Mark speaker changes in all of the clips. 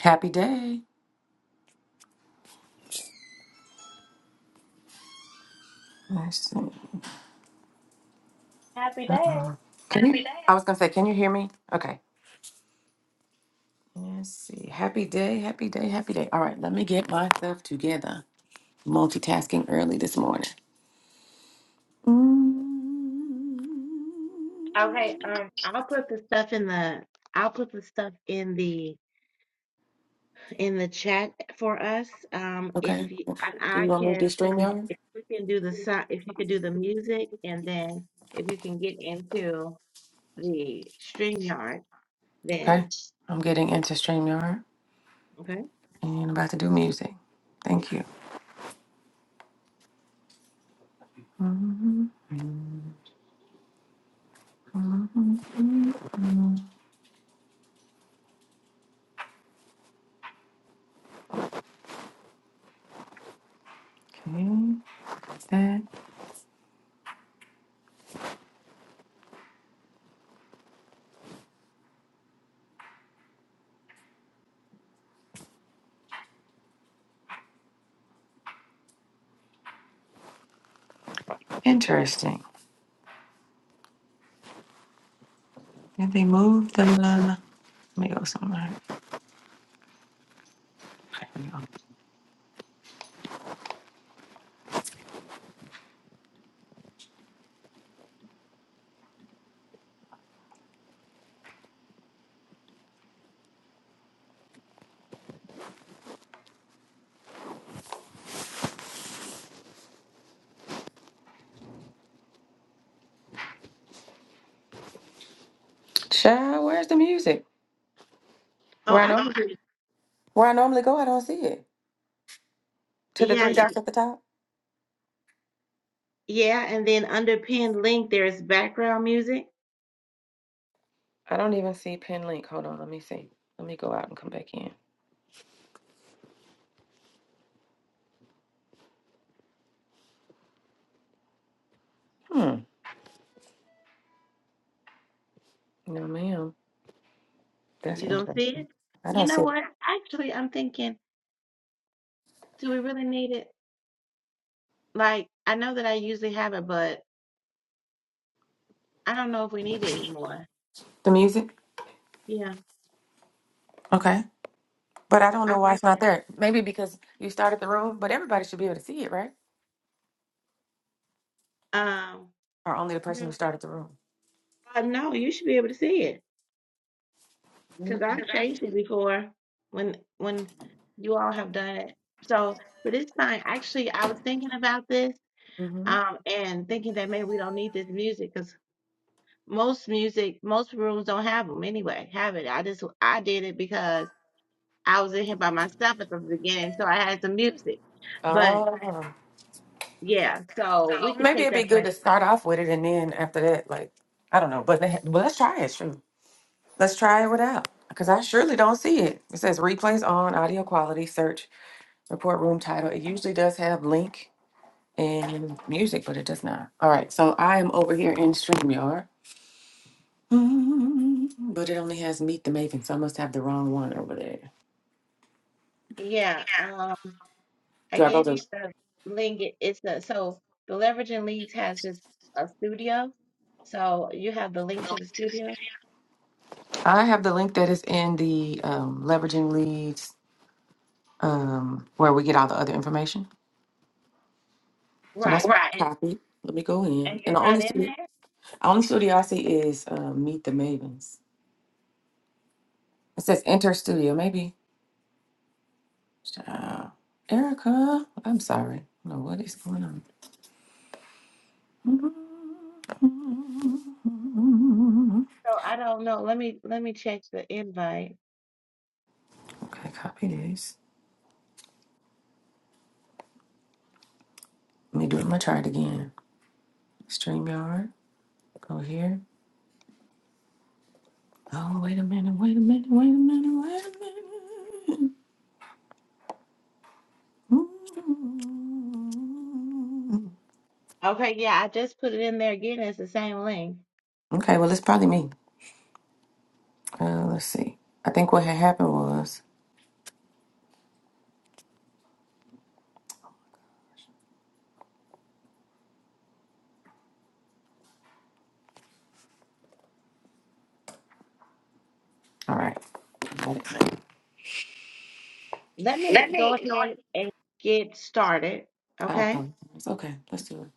Speaker 1: Happy day. Let's see.
Speaker 2: Happy day.
Speaker 1: Can you? Happy day. I was gonna say, can you hear me? Okay. Let's see. Happy day, happy day, happy day. All right, let me get myself together. Multitasking early this morning. Mm.
Speaker 2: Okay, um, I'll put the stuff in the I'll put the stuff in the in the chat for us. Um, if
Speaker 1: Okay.
Speaker 2: you and
Speaker 1: Do you
Speaker 2: I
Speaker 1: want me to do
Speaker 2: can
Speaker 1: StreamYard?
Speaker 2: if we can do the si- if you could do the music and then if you can get into the streamyard,
Speaker 1: Okay.
Speaker 2: then
Speaker 1: I'm getting into StreamYard
Speaker 2: okay.
Speaker 1: and about to do music. Thank you. Mm. Mm. Okay. That's interesting. If they move, then let me go somewhere. Okay, let me go. Child, where's the music?
Speaker 2: Oh,
Speaker 1: Where I
Speaker 2: I
Speaker 1: normally
Speaker 2: can do-
Speaker 1: where I normally go, I don't see it. To the
Speaker 2: yeah,
Speaker 1: three
Speaker 2: y-
Speaker 1: dots at the top.
Speaker 2: yeah, and then under pinned link there's background music.
Speaker 1: I don't even see pin link. Hold on, let me see. Let me go out and come back in. Hmm. No, ma'am. That's
Speaker 2: You don't
Speaker 1: interesting.
Speaker 2: see it?
Speaker 1: I don't
Speaker 2: You know
Speaker 1: see it.
Speaker 2: what? Actually, I'm thinking, do we really need it? Like, I know that I usually have it, but. I don't know if we need it anymore.
Speaker 1: The music.
Speaker 2: Yeah.
Speaker 1: Okay. But I don't know why
Speaker 2: Okay.
Speaker 1: it's not there. Maybe because you started the room, but everybody should be able to see it, right?
Speaker 2: Um.
Speaker 1: Or only the person who
Speaker 2: No,
Speaker 1: started the room.
Speaker 2: uh, no, you should be able to see it because I've changed
Speaker 1: Mm-hmm.
Speaker 2: it before when when you all have done it. So, but this time, actually, I was thinking about this, um, and thinking that maybe we don't need this music because most music, most rooms don't have them anyway. Have it. I just I did it because I was in here by myself at the beginning, so I had some music. But
Speaker 1: Oh.
Speaker 2: yeah,
Speaker 1: So
Speaker 2: so we could
Speaker 1: Maybe
Speaker 2: take
Speaker 1: it'd be
Speaker 2: that
Speaker 1: good
Speaker 2: away.
Speaker 1: to start off with it, and then after that, like I don't know, but they, but let's try it. Sure, let's try it without, because I surely don't see it. It says replays on, audio quality, search, report room title. It usually does have link and music, but it does not. All right, so I am over here in Streamyard, Mm, but it only has Meet the Maven, so I must have the wrong one over there.
Speaker 2: Yeah.
Speaker 1: yeah,
Speaker 2: um, I
Speaker 1: Do I go
Speaker 2: gave
Speaker 1: to? um,
Speaker 2: you the link. It- It's the so the Leveraging Leads has this a studio. So you have the
Speaker 1: the
Speaker 2: link to
Speaker 1: link
Speaker 2: the
Speaker 1: to the
Speaker 2: studio,
Speaker 1: studio. I have the link that is in the um, leveraging leads um, where we get all the other information. So that's
Speaker 2: right?
Speaker 1: what Right. I
Speaker 2: And
Speaker 1: copied. Let me go
Speaker 2: and
Speaker 1: in. And
Speaker 2: you're
Speaker 1: the only
Speaker 2: not in
Speaker 1: studio,
Speaker 2: there,
Speaker 1: the only studio I see is uh, Meet the Mavens. It says Enter Studio. Maybe uh, Erica. I'm sorry. I don't know what is going on.
Speaker 2: so I don't know. Let me let me check the invite.
Speaker 1: Okay, copy this. Let me do it. I'm gonna try it again. StreamYard. Go here. Oh, wait a minute. Wait a minute. Wait a minute. Wait a minute.
Speaker 2: Okay, yeah, I just put it in there again. It's the same link.
Speaker 1: Okay, well, it's probably me. Uh, let's see. I think what had happened was. All right.
Speaker 2: Let
Speaker 1: Let
Speaker 2: me go
Speaker 1: me.
Speaker 2: ahead and get started.
Speaker 1: I'll
Speaker 2: Okay,
Speaker 1: come. It's okay. Let's do it.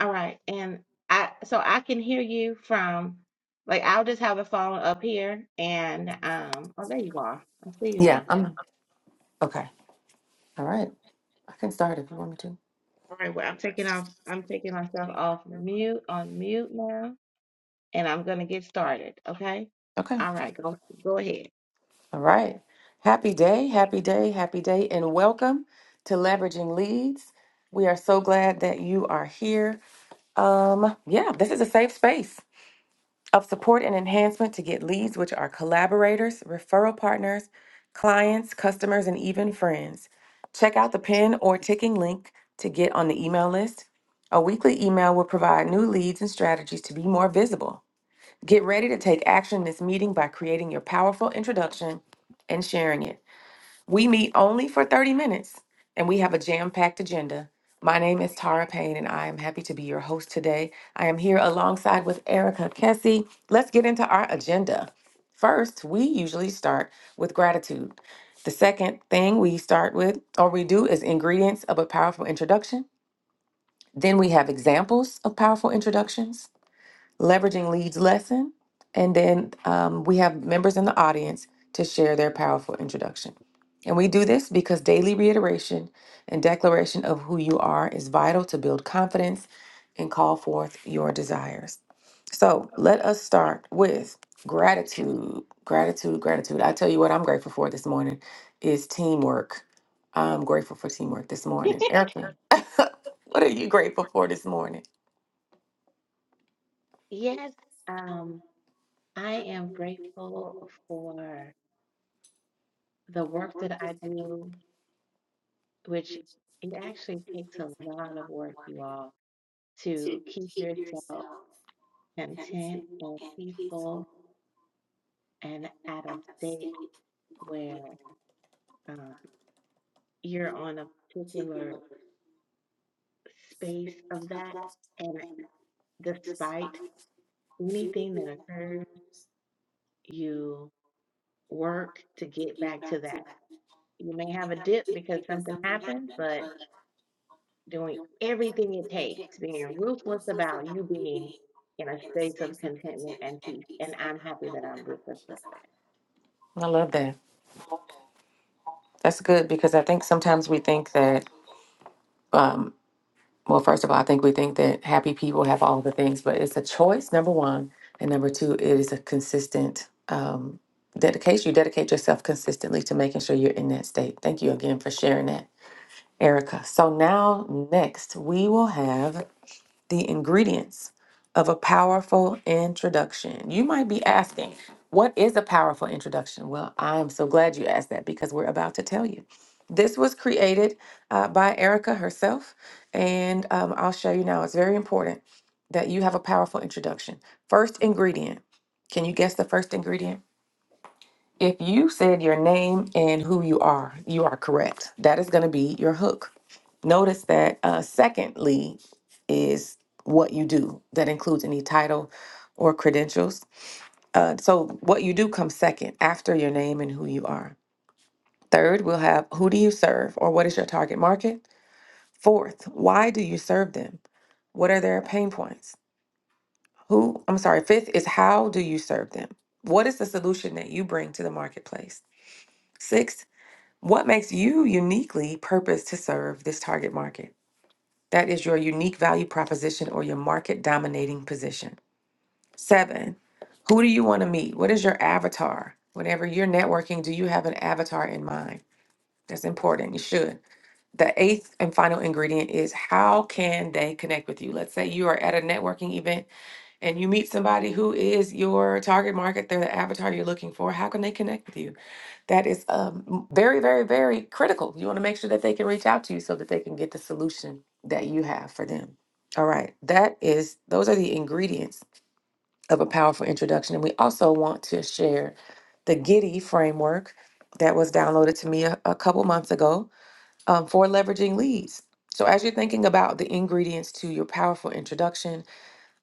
Speaker 2: all right, and I so I can hear you from like I'll just have the phone up here and um oh there you are. I see you
Speaker 1: Yeah,
Speaker 2: now.
Speaker 1: I'm. Okay. All right. I can start if you want me to.
Speaker 2: All right, well, I'm taking off, I'm taking myself off mute, on mute now, and I'm gonna get started, okay?
Speaker 1: Okay.
Speaker 2: All right, go go ahead.
Speaker 1: All right. Happy day, happy day, happy day, and welcome to Leveraging Leads. We are so glad that you are here. Um, yeah, this is a safe space. of support and enhancement to get leads, which are collaborators, referral partners, clients, customers, and even friends. Check out the pin or ticking link to get on the email list. A weekly email will provide new leads and strategies to be more visible. Get ready to take action this meeting by creating your powerful introduction and sharing it. We meet only for 30 minutes and we have a jam packed agenda. My name is Tara Payne and I am happy to be your host today. I am here alongside with Erica Kessie. Let's get into our agenda. First, we usually start with gratitude. The second thing we start with or we do is ingredients of a powerful introduction. Then we have examples of powerful introductions leveraging leads lesson, and then um, we have members in the audience to share their powerful introduction. And we do this because daily reiteration and declaration of who you are is vital to build confidence and call forth your desires. So let us start with gratitude, gratitude, gratitude. I tell you what, I'm grateful for this morning is teamwork. I'm grateful for teamwork this morning. Erica, what are you grateful for this morning?
Speaker 2: Yes, um, I am grateful for the work that I do, which it actually takes a lot of work, you all, to keep yourself content and peaceful and at a state where um, you're on a particular space of that. despite anything that occurs, you work to get back to that. You may have a dip because something happened, but doing everything it takes, being ruthless about you being in a space of contentment and peace. And I'm happy that I'm ruthless like that.
Speaker 1: I love that. That's good because I think sometimes we think that, um, well, first of all, I think we think that happy people have all the things, but it's a choice, number one. And number two, it is a consistent um, dedication. You dedicate yourself consistently to making sure you're in that state. Thank you again for sharing that, Erica. So now, next, we will have the ingredients of a powerful introduction. You might be asking, what is a powerful introduction? Well, I'm so glad you asked that because we're about to tell you. This was created uh, by Erica herself, and um, I'll show you now. It's very important that you have a powerful introduction. First ingredient. Can you guess the first ingredient? If you said your name and who you are, you are correct. That is going to be your hook. Notice that uh, secondly is what you do. That includes any title or credentials. Uh, so what you do comes second after your name and who you are. Third, we'll have who do you serve or what is your target market? Fourth, why do you serve them? What are their pain points? Who, I'm sorry, fifth is how do you serve them? What is the solution that you bring to the marketplace? Sixth what makes you uniquely purposed to serve this target market? That is your unique value proposition or your market dominating position. Seven, who do you want to meet? What is your avatar? Whenever you're networking, do you have an avatar in mind? That's important. You should. The eighth and final ingredient is how can they connect with you? Let's say you are at a networking event and you meet somebody who is your target market, they're the avatar you're looking for. How can they connect with you? that is um, very, very, very critical. You want to make sure that they can reach out to you so that they can get the solution that you have for them. All right, that is those are the ingredients of a powerful introduction, and we also want to share the Giddy framework that was downloaded to me a, a couple months ago um, for leveraging leads. So, as you're thinking about the ingredients to your powerful introduction,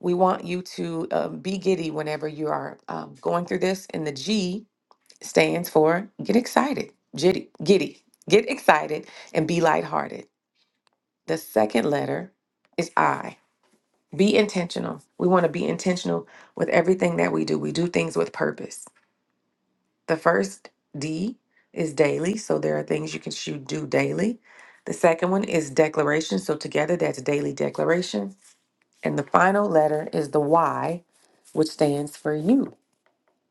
Speaker 1: we want you to um, be giddy whenever you are um, going through this. And the G stands for get excited, jitty, giddy, get excited, and be lighthearted. The second letter is I. Be intentional. We want to be intentional with everything that we do. We do things with purpose. The first D is daily, so there are things you can shoot do daily. The second one is declaration, so together that's daily declaration. And the final letter is the Y, which stands for you.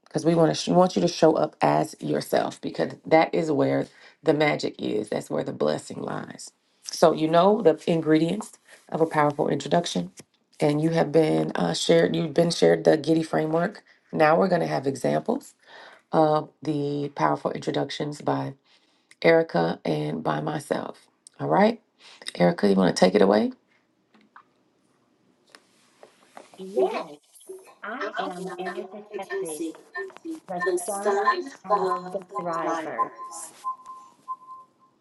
Speaker 1: because we want to sh- want you to show up as yourself because that is where the magic is that's where the blessing lies so you know the ingredients of a powerful introduction and you have been uh, shared you've been shared the giddy framework now we're going to have examples of the powerful introductions by erica and by myself all right erica you want to take it away
Speaker 2: Yes, I am Erica Cassidy, the son of the thrivers,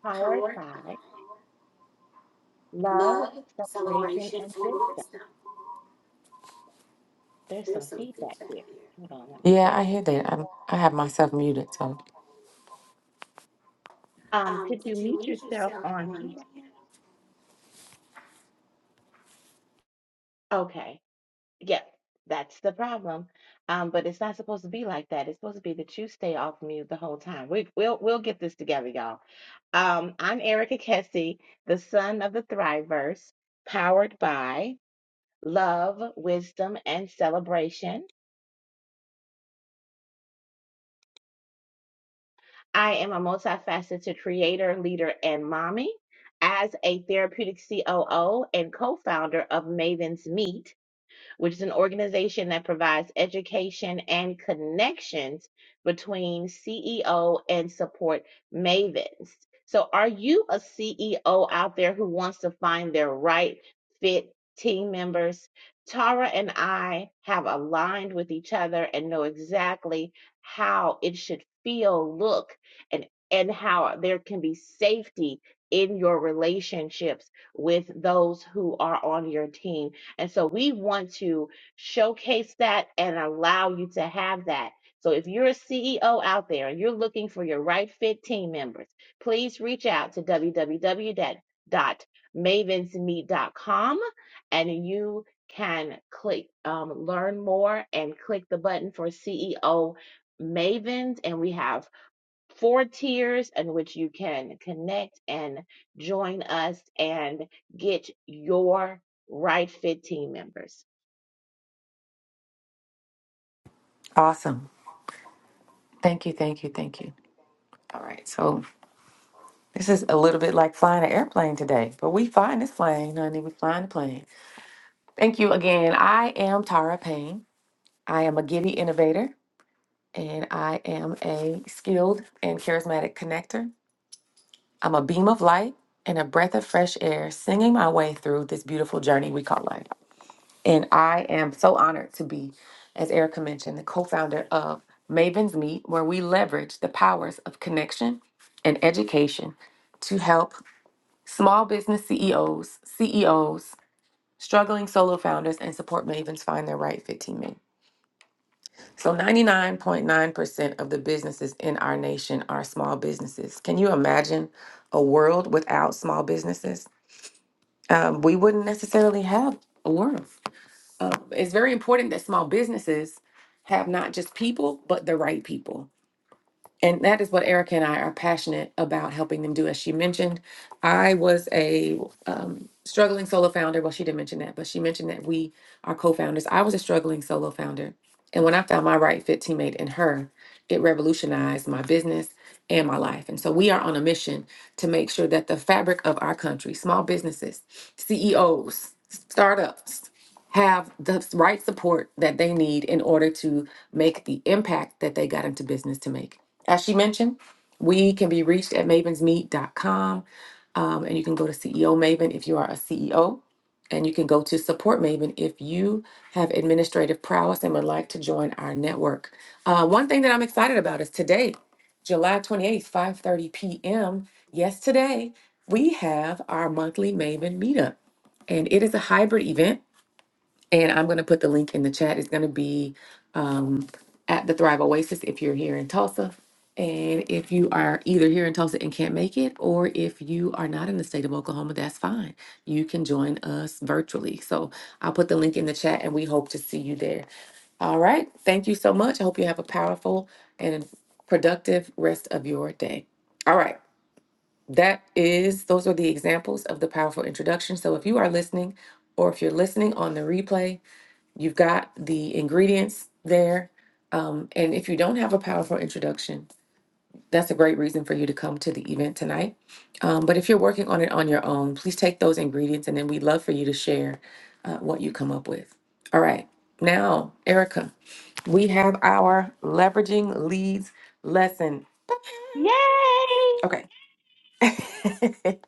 Speaker 2: powered by love, celebration, and wisdom. There's some feedback here. Hold on, let me
Speaker 1: yeah
Speaker 2: check.
Speaker 1: i
Speaker 2: Yes.
Speaker 1: hear that I'm, i have myself muted so
Speaker 2: Um, could you mute yourself on here? Okay. Yeah, that's the problem. Um, but it's not supposed to be like that. It's supposed to be that you stay off mute the whole time. We we'll we'll get this together, y'all. Um, I'm Erica Kessie, the son of the Thriverse, powered by love, wisdom, and celebration. I am a multifaceted creator, leader, and mommy. As a therapeutic COO and co founder of Maven's Meet, which is an organization that provides education and connections between CEO and support mavens. So, are you a CEO out there who wants to find their right fit team members? Tara and I have aligned with each other and know exactly how it should feel, look, and and how there can be safety in your relationships with those who are on your team and so we want to showcase that and allow you to have that. So if you're a CEO out there and you're looking for your right fit team members, please reach out to www.mavensmeet.com and you can click um, learn more and click the button for CEO Mavens. And we have four tiers in which you can connect and join us and get your right fit team members.
Speaker 1: awesome thank you thank you thank you all right so This is a little bit like flying an airplane today, but we flying this plane, honey. We flying the plane. Thank you again. I am Tara Payne. I am a giddy innovator, and I am a skilled and charismatic connector. I'm a beam of light and a breath of fresh air, singing my way through this beautiful journey we call life. And I am so honored to be, as Erica mentioned, the co-founder of Maven's Meet, where we leverage the powers of connection and education to help Small business CEOs, CEOs, struggling solo founders, and support mavens find their right fit teammate. So, 99.9% of the businesses in our nation are small businesses. Can you imagine a world without small businesses? Um, we wouldn't necessarily have a world. Uh, it's very important that small businesses have not just people, but the right people and that is what Erica and I are passionate about helping them do. As she mentioned, I was a um, struggling solo founder. Well, she didn't mention that, but she mentioned that we are co founders. I was a struggling solo founder. And when I found my right fit teammate in her, it revolutionized my business and my life. And so we are on a mission to make sure that the fabric of our country, small businesses, CEOs, startups, have the right support that they need in order to make the impact that they got into business to make. As she mentioned, we can be reached at mavensmeet.com. Um, and you can go to CEO Maven if you are a CEO. And you can go to Support Maven if you have administrative prowess and would like to join our network. Uh, one thing that I'm excited about is today, July 28th, 5:30 p.m. Yes, today we have our monthly Maven meetup, and it is a hybrid event. And I'm going to put the link in the chat. It's going to be um, at the Thrive Oasis if you're here in Tulsa. And if you are either here in Tulsa and can't make it, or if you are not in the state of Oklahoma, that's fine. You can join us virtually. So I'll put the link in the chat and we hope to see you there. All right. Thank you so much. I hope you have a powerful and productive rest of your day. All right. That is, those are the examples of the powerful introduction. So if you are listening, or if you're listening on the replay, You've got the ingredients there. Um, and if you don't have a powerful introduction, that's a great reason for you to come to the event tonight. Um, but if you're working on it on your own, please take those ingredients and then we'd love for you to share uh, what you come up with. All right. Now, Erica, we have our leveraging leads lesson.
Speaker 2: Yeah.
Speaker 1: Okay.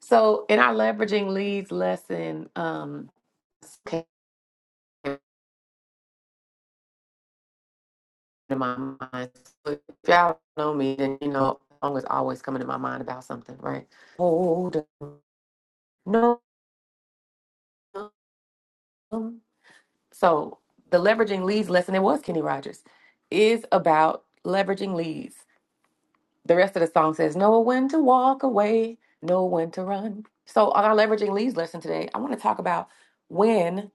Speaker 1: so in our leveraging leads lesson, um, to my mind. So if y'all know me, then you know song is always coming to my mind about something, right? Hold no. So the leveraging leads lesson it was Kenny Rogers is about leveraging leads. The rest of the song says know when to walk away, know when to run. So on our leveraging leads lesson today, I want to talk about when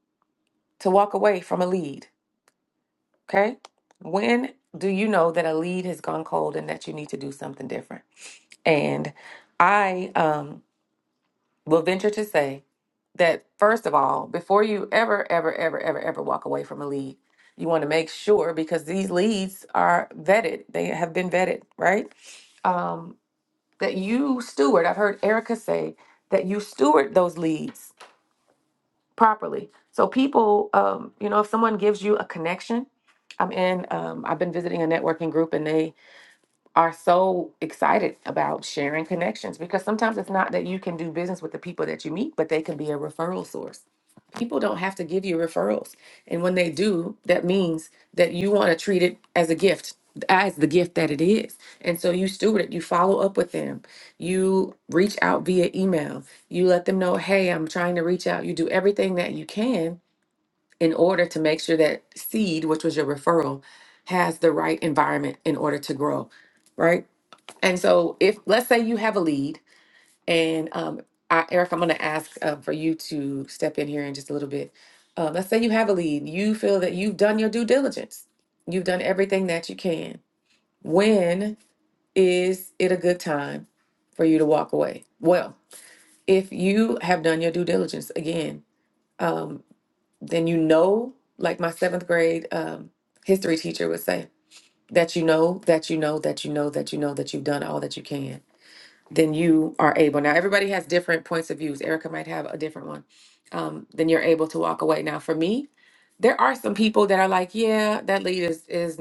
Speaker 1: to walk away from a lead. Okay, when do you know that a lead has gone cold and that you need to do something different? And I um, will venture to say that, first of all, before you ever, ever, ever, ever, ever walk away from a lead, you want to make sure because these leads are vetted, they have been vetted, right? Um, that you steward, I've heard Erica say that you steward those leads properly. So, people, um, you know, if someone gives you a connection, I'm in, um, I've been visiting a networking group and they are so excited about sharing connections because sometimes it's not that you can do business with the people that you meet, but they can be a referral source. People don't have to give you referrals. And when they do, that means that you want to treat it as a gift, as the gift that it is. And so you steward it, you follow up with them, you reach out via email, you let them know, hey, I'm trying to reach out. You do everything that you can in order to make sure that seed, which was your referral, has the right environment in order to grow, right? And so, if let's say you have a lead, and um, I, Eric, I'm going to ask um, for you to step in here in just a little bit. Um, let's say you have a lead, you feel that you've done your due diligence, you've done everything that you can. When is it a good time for you to walk away? Well, if you have done your due diligence again, um, then you know, like my seventh grade um, history teacher would say, that you know, that you know, that you know, that you know that you've done all that you can then you are able. Now, everybody has different points of views. Erica might have a different one. Um, then you're able to walk away. Now, for me, there are some people that are like, yeah, that lead is is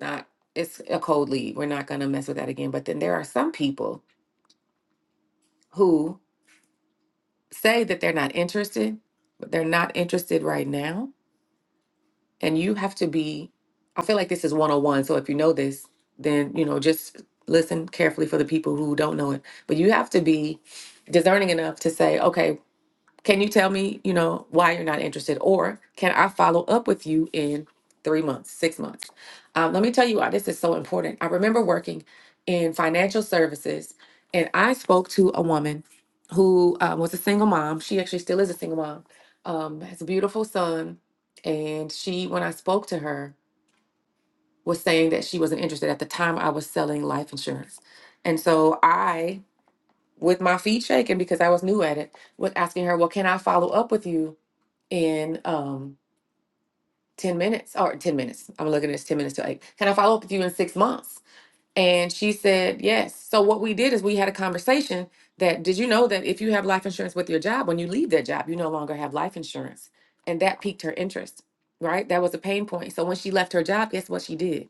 Speaker 1: not. It's a cold lead. We're not gonna mess with that again. But then there are some people who say that they're not interested, but they're not interested right now. And you have to be. I feel like this is one on one. So if you know this, then you know just listen carefully for the people who don't know it. But you have to be discerning enough to say, okay, Can you tell me, you know, why you're not interested? Or can I follow up with you in three months, six months? Um, let me tell you why this is so important. I remember working in financial services and I spoke to a woman who uh, was a single mom. She actually still is a single mom, um, has a beautiful son. And she, when I spoke to her, was saying that she wasn't interested. At the time, I was selling life insurance. And so I, with my feet shaking because I was new at it, was asking her, Well, can I follow up with you? in um 10 minutes or 10 minutes. I'm looking at this 10 minutes to eight. Can I follow up with you in six months? And she said, yes. So what we did is we had a conversation that did you know that if you have life insurance with your job, when you leave that job, you no longer have life insurance. And that piqued her interest, right? That was a pain point. So when she left her job, guess what she did?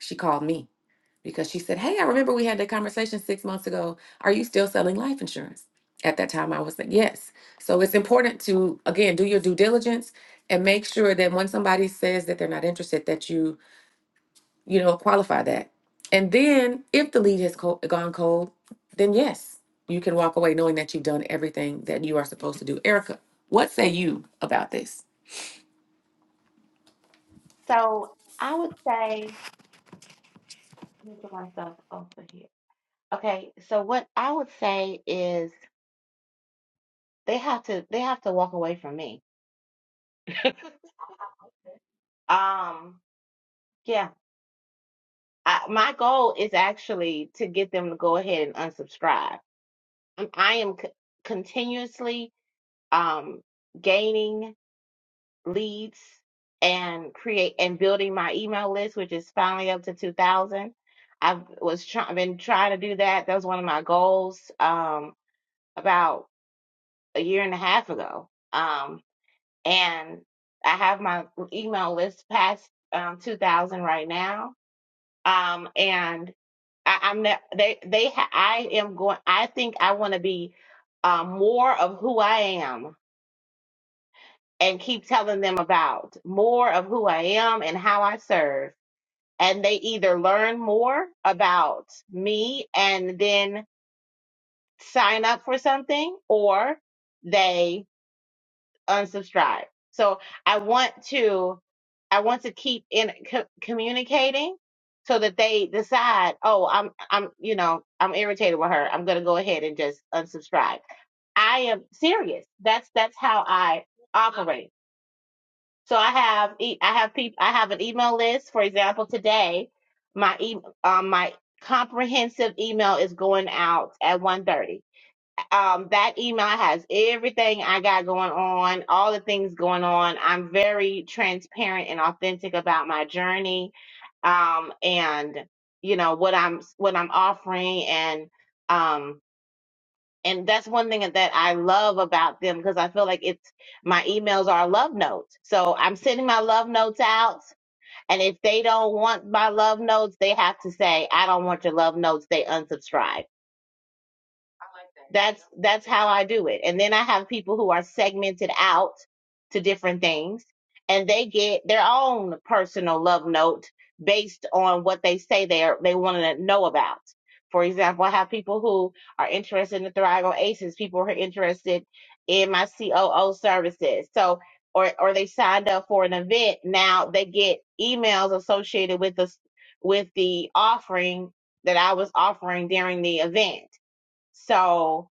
Speaker 1: She called me because she said, Hey, I remember we had that conversation six months ago. Are you still selling life insurance? At that time, I was like, Yes. So it's important to, again, do your due diligence and make sure that when somebody says that they're not interested, that you, you know, qualify that. And then if the lead has co- gone cold, then yes, you can walk away knowing that you've done everything that you are supposed to do. Erica, what say you about this?
Speaker 2: So I would say, let me put myself over here. Okay, so what I would say is they have to they have to walk away from me. Um, yeah, I, my goal is actually to get them to go ahead and unsubscribe. Um, I am c continuously um gaining. leads and create and building my email list, which is finally up to 2,000. I've was try- been trying to do that. That was one of my goals um, about a year and a half ago. Um, and I have my email list past um, 2,000 right now. Um, and I, I'm not, they, they, ha- I am going, I think I want to be uh, more of who I am and keep telling them about more of who I am and how I serve. And they either learn more about me and then sign up for something or they unsubscribe. So I want to, I want to keep in co- communicating so that they decide, oh, I'm, I'm, you know, I'm irritated with her. I'm going to go ahead and just unsubscribe. I am serious. That's, that's how I operate. So I have e- I have people I have an email list. For example, today my e- um my comprehensive email is going out at one thirty. Um that email has everything I got going on, all the things going on. I'm very transparent and authentic about my journey um and you know what I'm what I'm offering and um and that's one thing that I love about them because I feel like it's my emails are love notes. So I'm sending my love notes out, and if they don't want my love notes, they have to say, "I don't want your love notes." They unsubscribe that's that's how I do it. And then I have people who are segmented out to different things and they get their own personal love note based on what they say they are they want to know about. For example, I have people who are interested in the Thrive Aces, people who are interested in my COO services. So or or they signed up for an event, now they get emails associated with the with the offering that I was offering during the event. So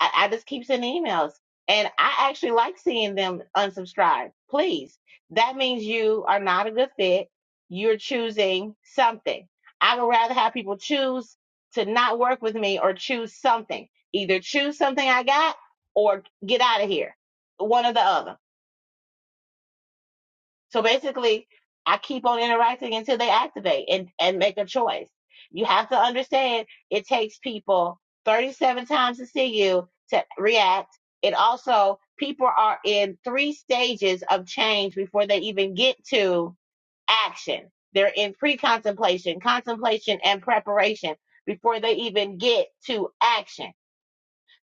Speaker 2: I, I just keep sending emails. And I actually like seeing them unsubscribe. Please. That means you are not a good fit. You're choosing something. I would rather have people choose to not work with me or choose something. Either choose something I got or get out of here. One or the other. So basically, I keep on interacting until they activate and, and make a choice. You have to understand it takes people 37 times to see you to react. It also, people are in three stages of change before they even get to action. They're in pre contemplation, contemplation, and preparation before they even get to action.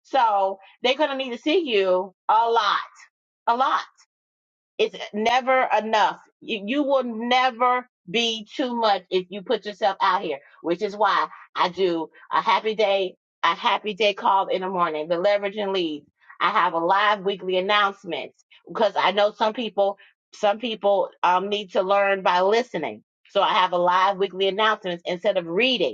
Speaker 2: So they're going to need to see you a lot, a lot. It's never enough. You, you will never be too much if you put yourself out here, which is why I do a happy day, a happy day call in the morning, the leverage and leads. I have a live weekly announcements because I know some people, some people um, need to learn by listening. So I have a live weekly announcements instead of reading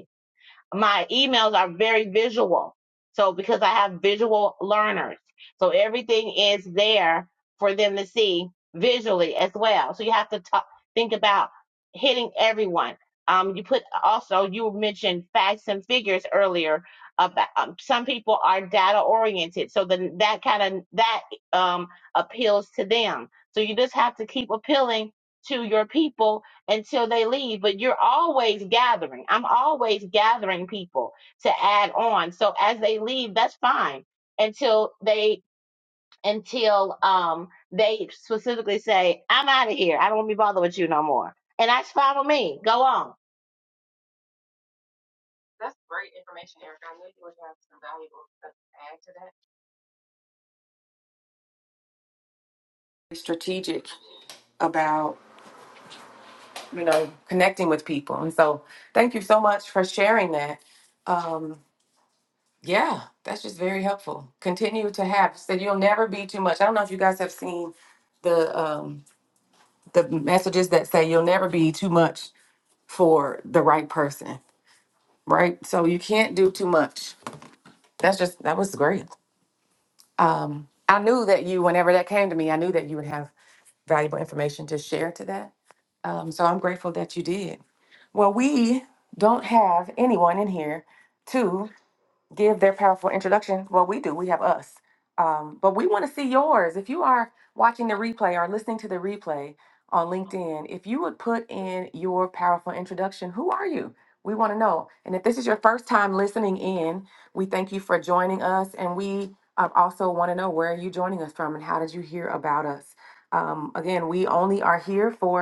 Speaker 2: my emails are very visual. So because I have visual learners, so everything is there for them to see visually as well. So you have to talk, think about hitting everyone. Um, you put also you mentioned facts and figures earlier. About um, some people are data oriented, so then that kind of that um appeals to them. So you just have to keep appealing to your people until they leave. But you're always gathering. I'm always gathering people to add on. So as they leave, that's fine until they until um they specifically say, I'm out of here. I don't want to be bothered with you no more. And that's fine with me. Go on.
Speaker 1: Strategic about you know, connecting with people. And so thank you so much for sharing that. Um, yeah, that's just very helpful. Continue to have said you'll never be too much. I don't know if you guys have seen the um the messages that say you'll never be too much for the right person, right? So you can't do too much. That's just that was great. Um I knew that you whenever that came to me, I knew that you would have valuable information to share to that. Um, so I'm grateful that you did. Well, we don't have anyone in here to give their powerful introduction. Well, we do. We have us. Um, but we want to see yours. If you are watching the replay or listening to the replay on LinkedIn, if you would put in your powerful introduction, who are you? We want to know. And if this is your first time listening in, we thank you for joining us. And we uh, also want to know where are you joining us from and how did you hear about us? Um, again, we only are here for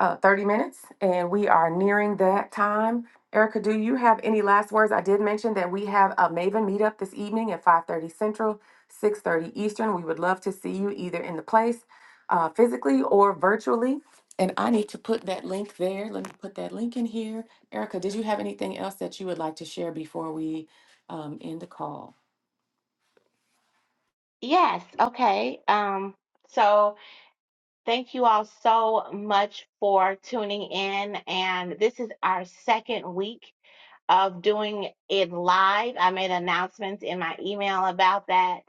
Speaker 1: uh, 30 minutes, and we are nearing that time. Erica, do you have any last words? I did mention that we have a Maven meetup this evening at 5:30 Central, 6:30 Eastern. We would love to see you either in the place uh, physically or virtually. And I need to put that link there. Let me put that link in here. Erica, did you have anything else that you would like to share before we um, end the call?
Speaker 2: Yes. Okay. Um so thank you all so much for tuning in. And this is our second week of doing it live. I made announcements in my email about that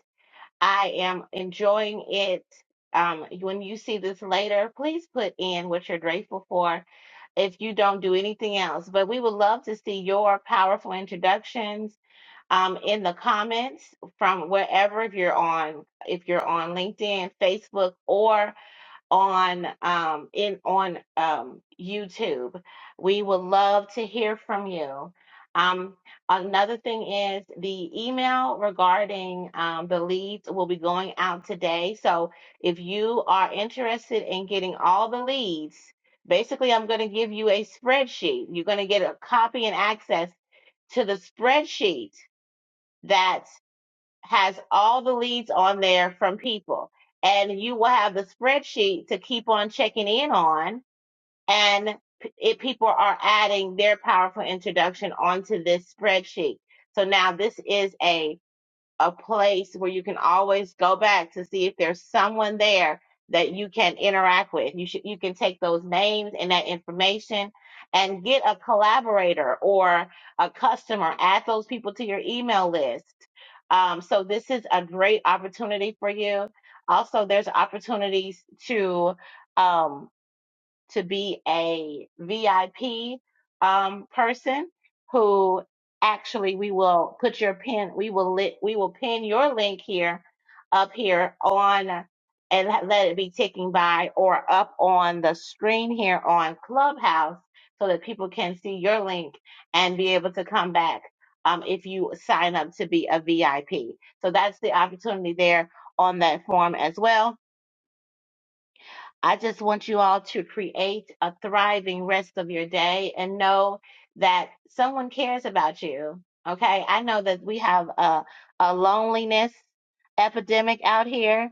Speaker 2: I am enjoying it. Um, when you see this later, please put in what you're grateful for if you don't do anything else. But we would love to see your powerful introductions um, in the comments from wherever if you're on if you're on LinkedIn, Facebook, or on um in on um YouTube. We would love to hear from you. Um another thing is the email regarding um the leads will be going out today. So if you are interested in getting all the leads, basically I'm going to give you a spreadsheet. You're going to get a copy and access to the spreadsheet that has all the leads on there from people. And you will have the spreadsheet to keep on checking in on. And p- it, people are adding their powerful introduction onto this spreadsheet. So now this is a a place where you can always go back to see if there's someone there that you can interact with. You should you can take those names and that information and get a collaborator or a customer. Add those people to your email list. Um, so this is a great opportunity for you. Also, there's opportunities to um, to be a VIP um, person who actually we will put your pin, we will lit, we will pin your link here up here on and let let it be ticking by or up on the screen here on Clubhouse so that people can see your link and be able to come back um, if you sign up to be a VIP. So that's the opportunity there on that form as well I just want you all to create a thriving rest of your day and know that someone cares about you. Okay. I know that we have a, a loneliness epidemic out here.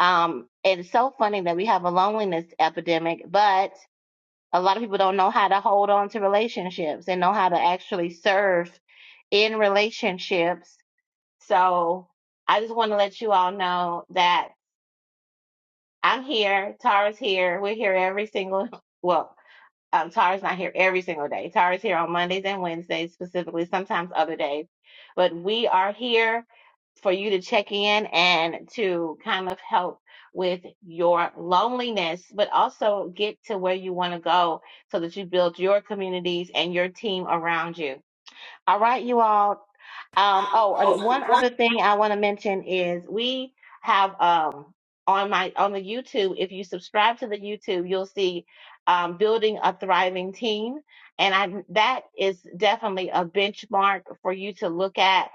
Speaker 2: Um, it's so funny that we have a loneliness epidemic, but a lot of people don't know how to hold on to relationships and know how to actually serve in relationships. So I just want to let you all know that. I'm here. Tara's here. We're here every single, well, um, Tara's not here every single day. Tara's here on Mondays and Wednesdays, specifically, sometimes other days. But we are here for you to check in and to kind of help with your loneliness, but also get to where you want to go so that you build your communities and your team around you. All right, you all. Um, oh, and one other thing I want to mention is we have um on my on the YouTube, if you subscribe to the YouTube, you'll see um building a thriving team. And I that is definitely a benchmark for you to look at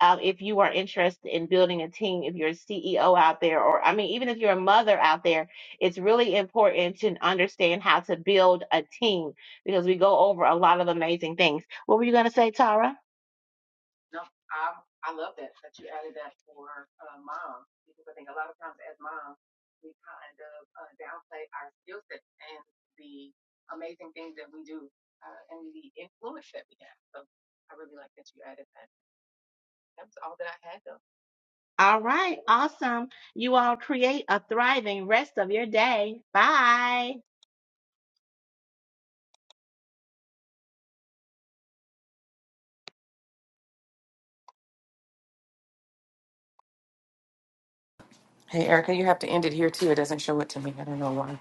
Speaker 2: um, if you are interested in building a team, if you're a CEO out there, or I mean, even if you're a mother out there, it's really important to understand how to build a team because we go over a lot of amazing things. What were you going to say, Tara? All right, awesome. You all create a thriving rest of your day. Bye.
Speaker 1: Hey, Erica, you have to end it here too. It doesn't show it to me. I don't know why.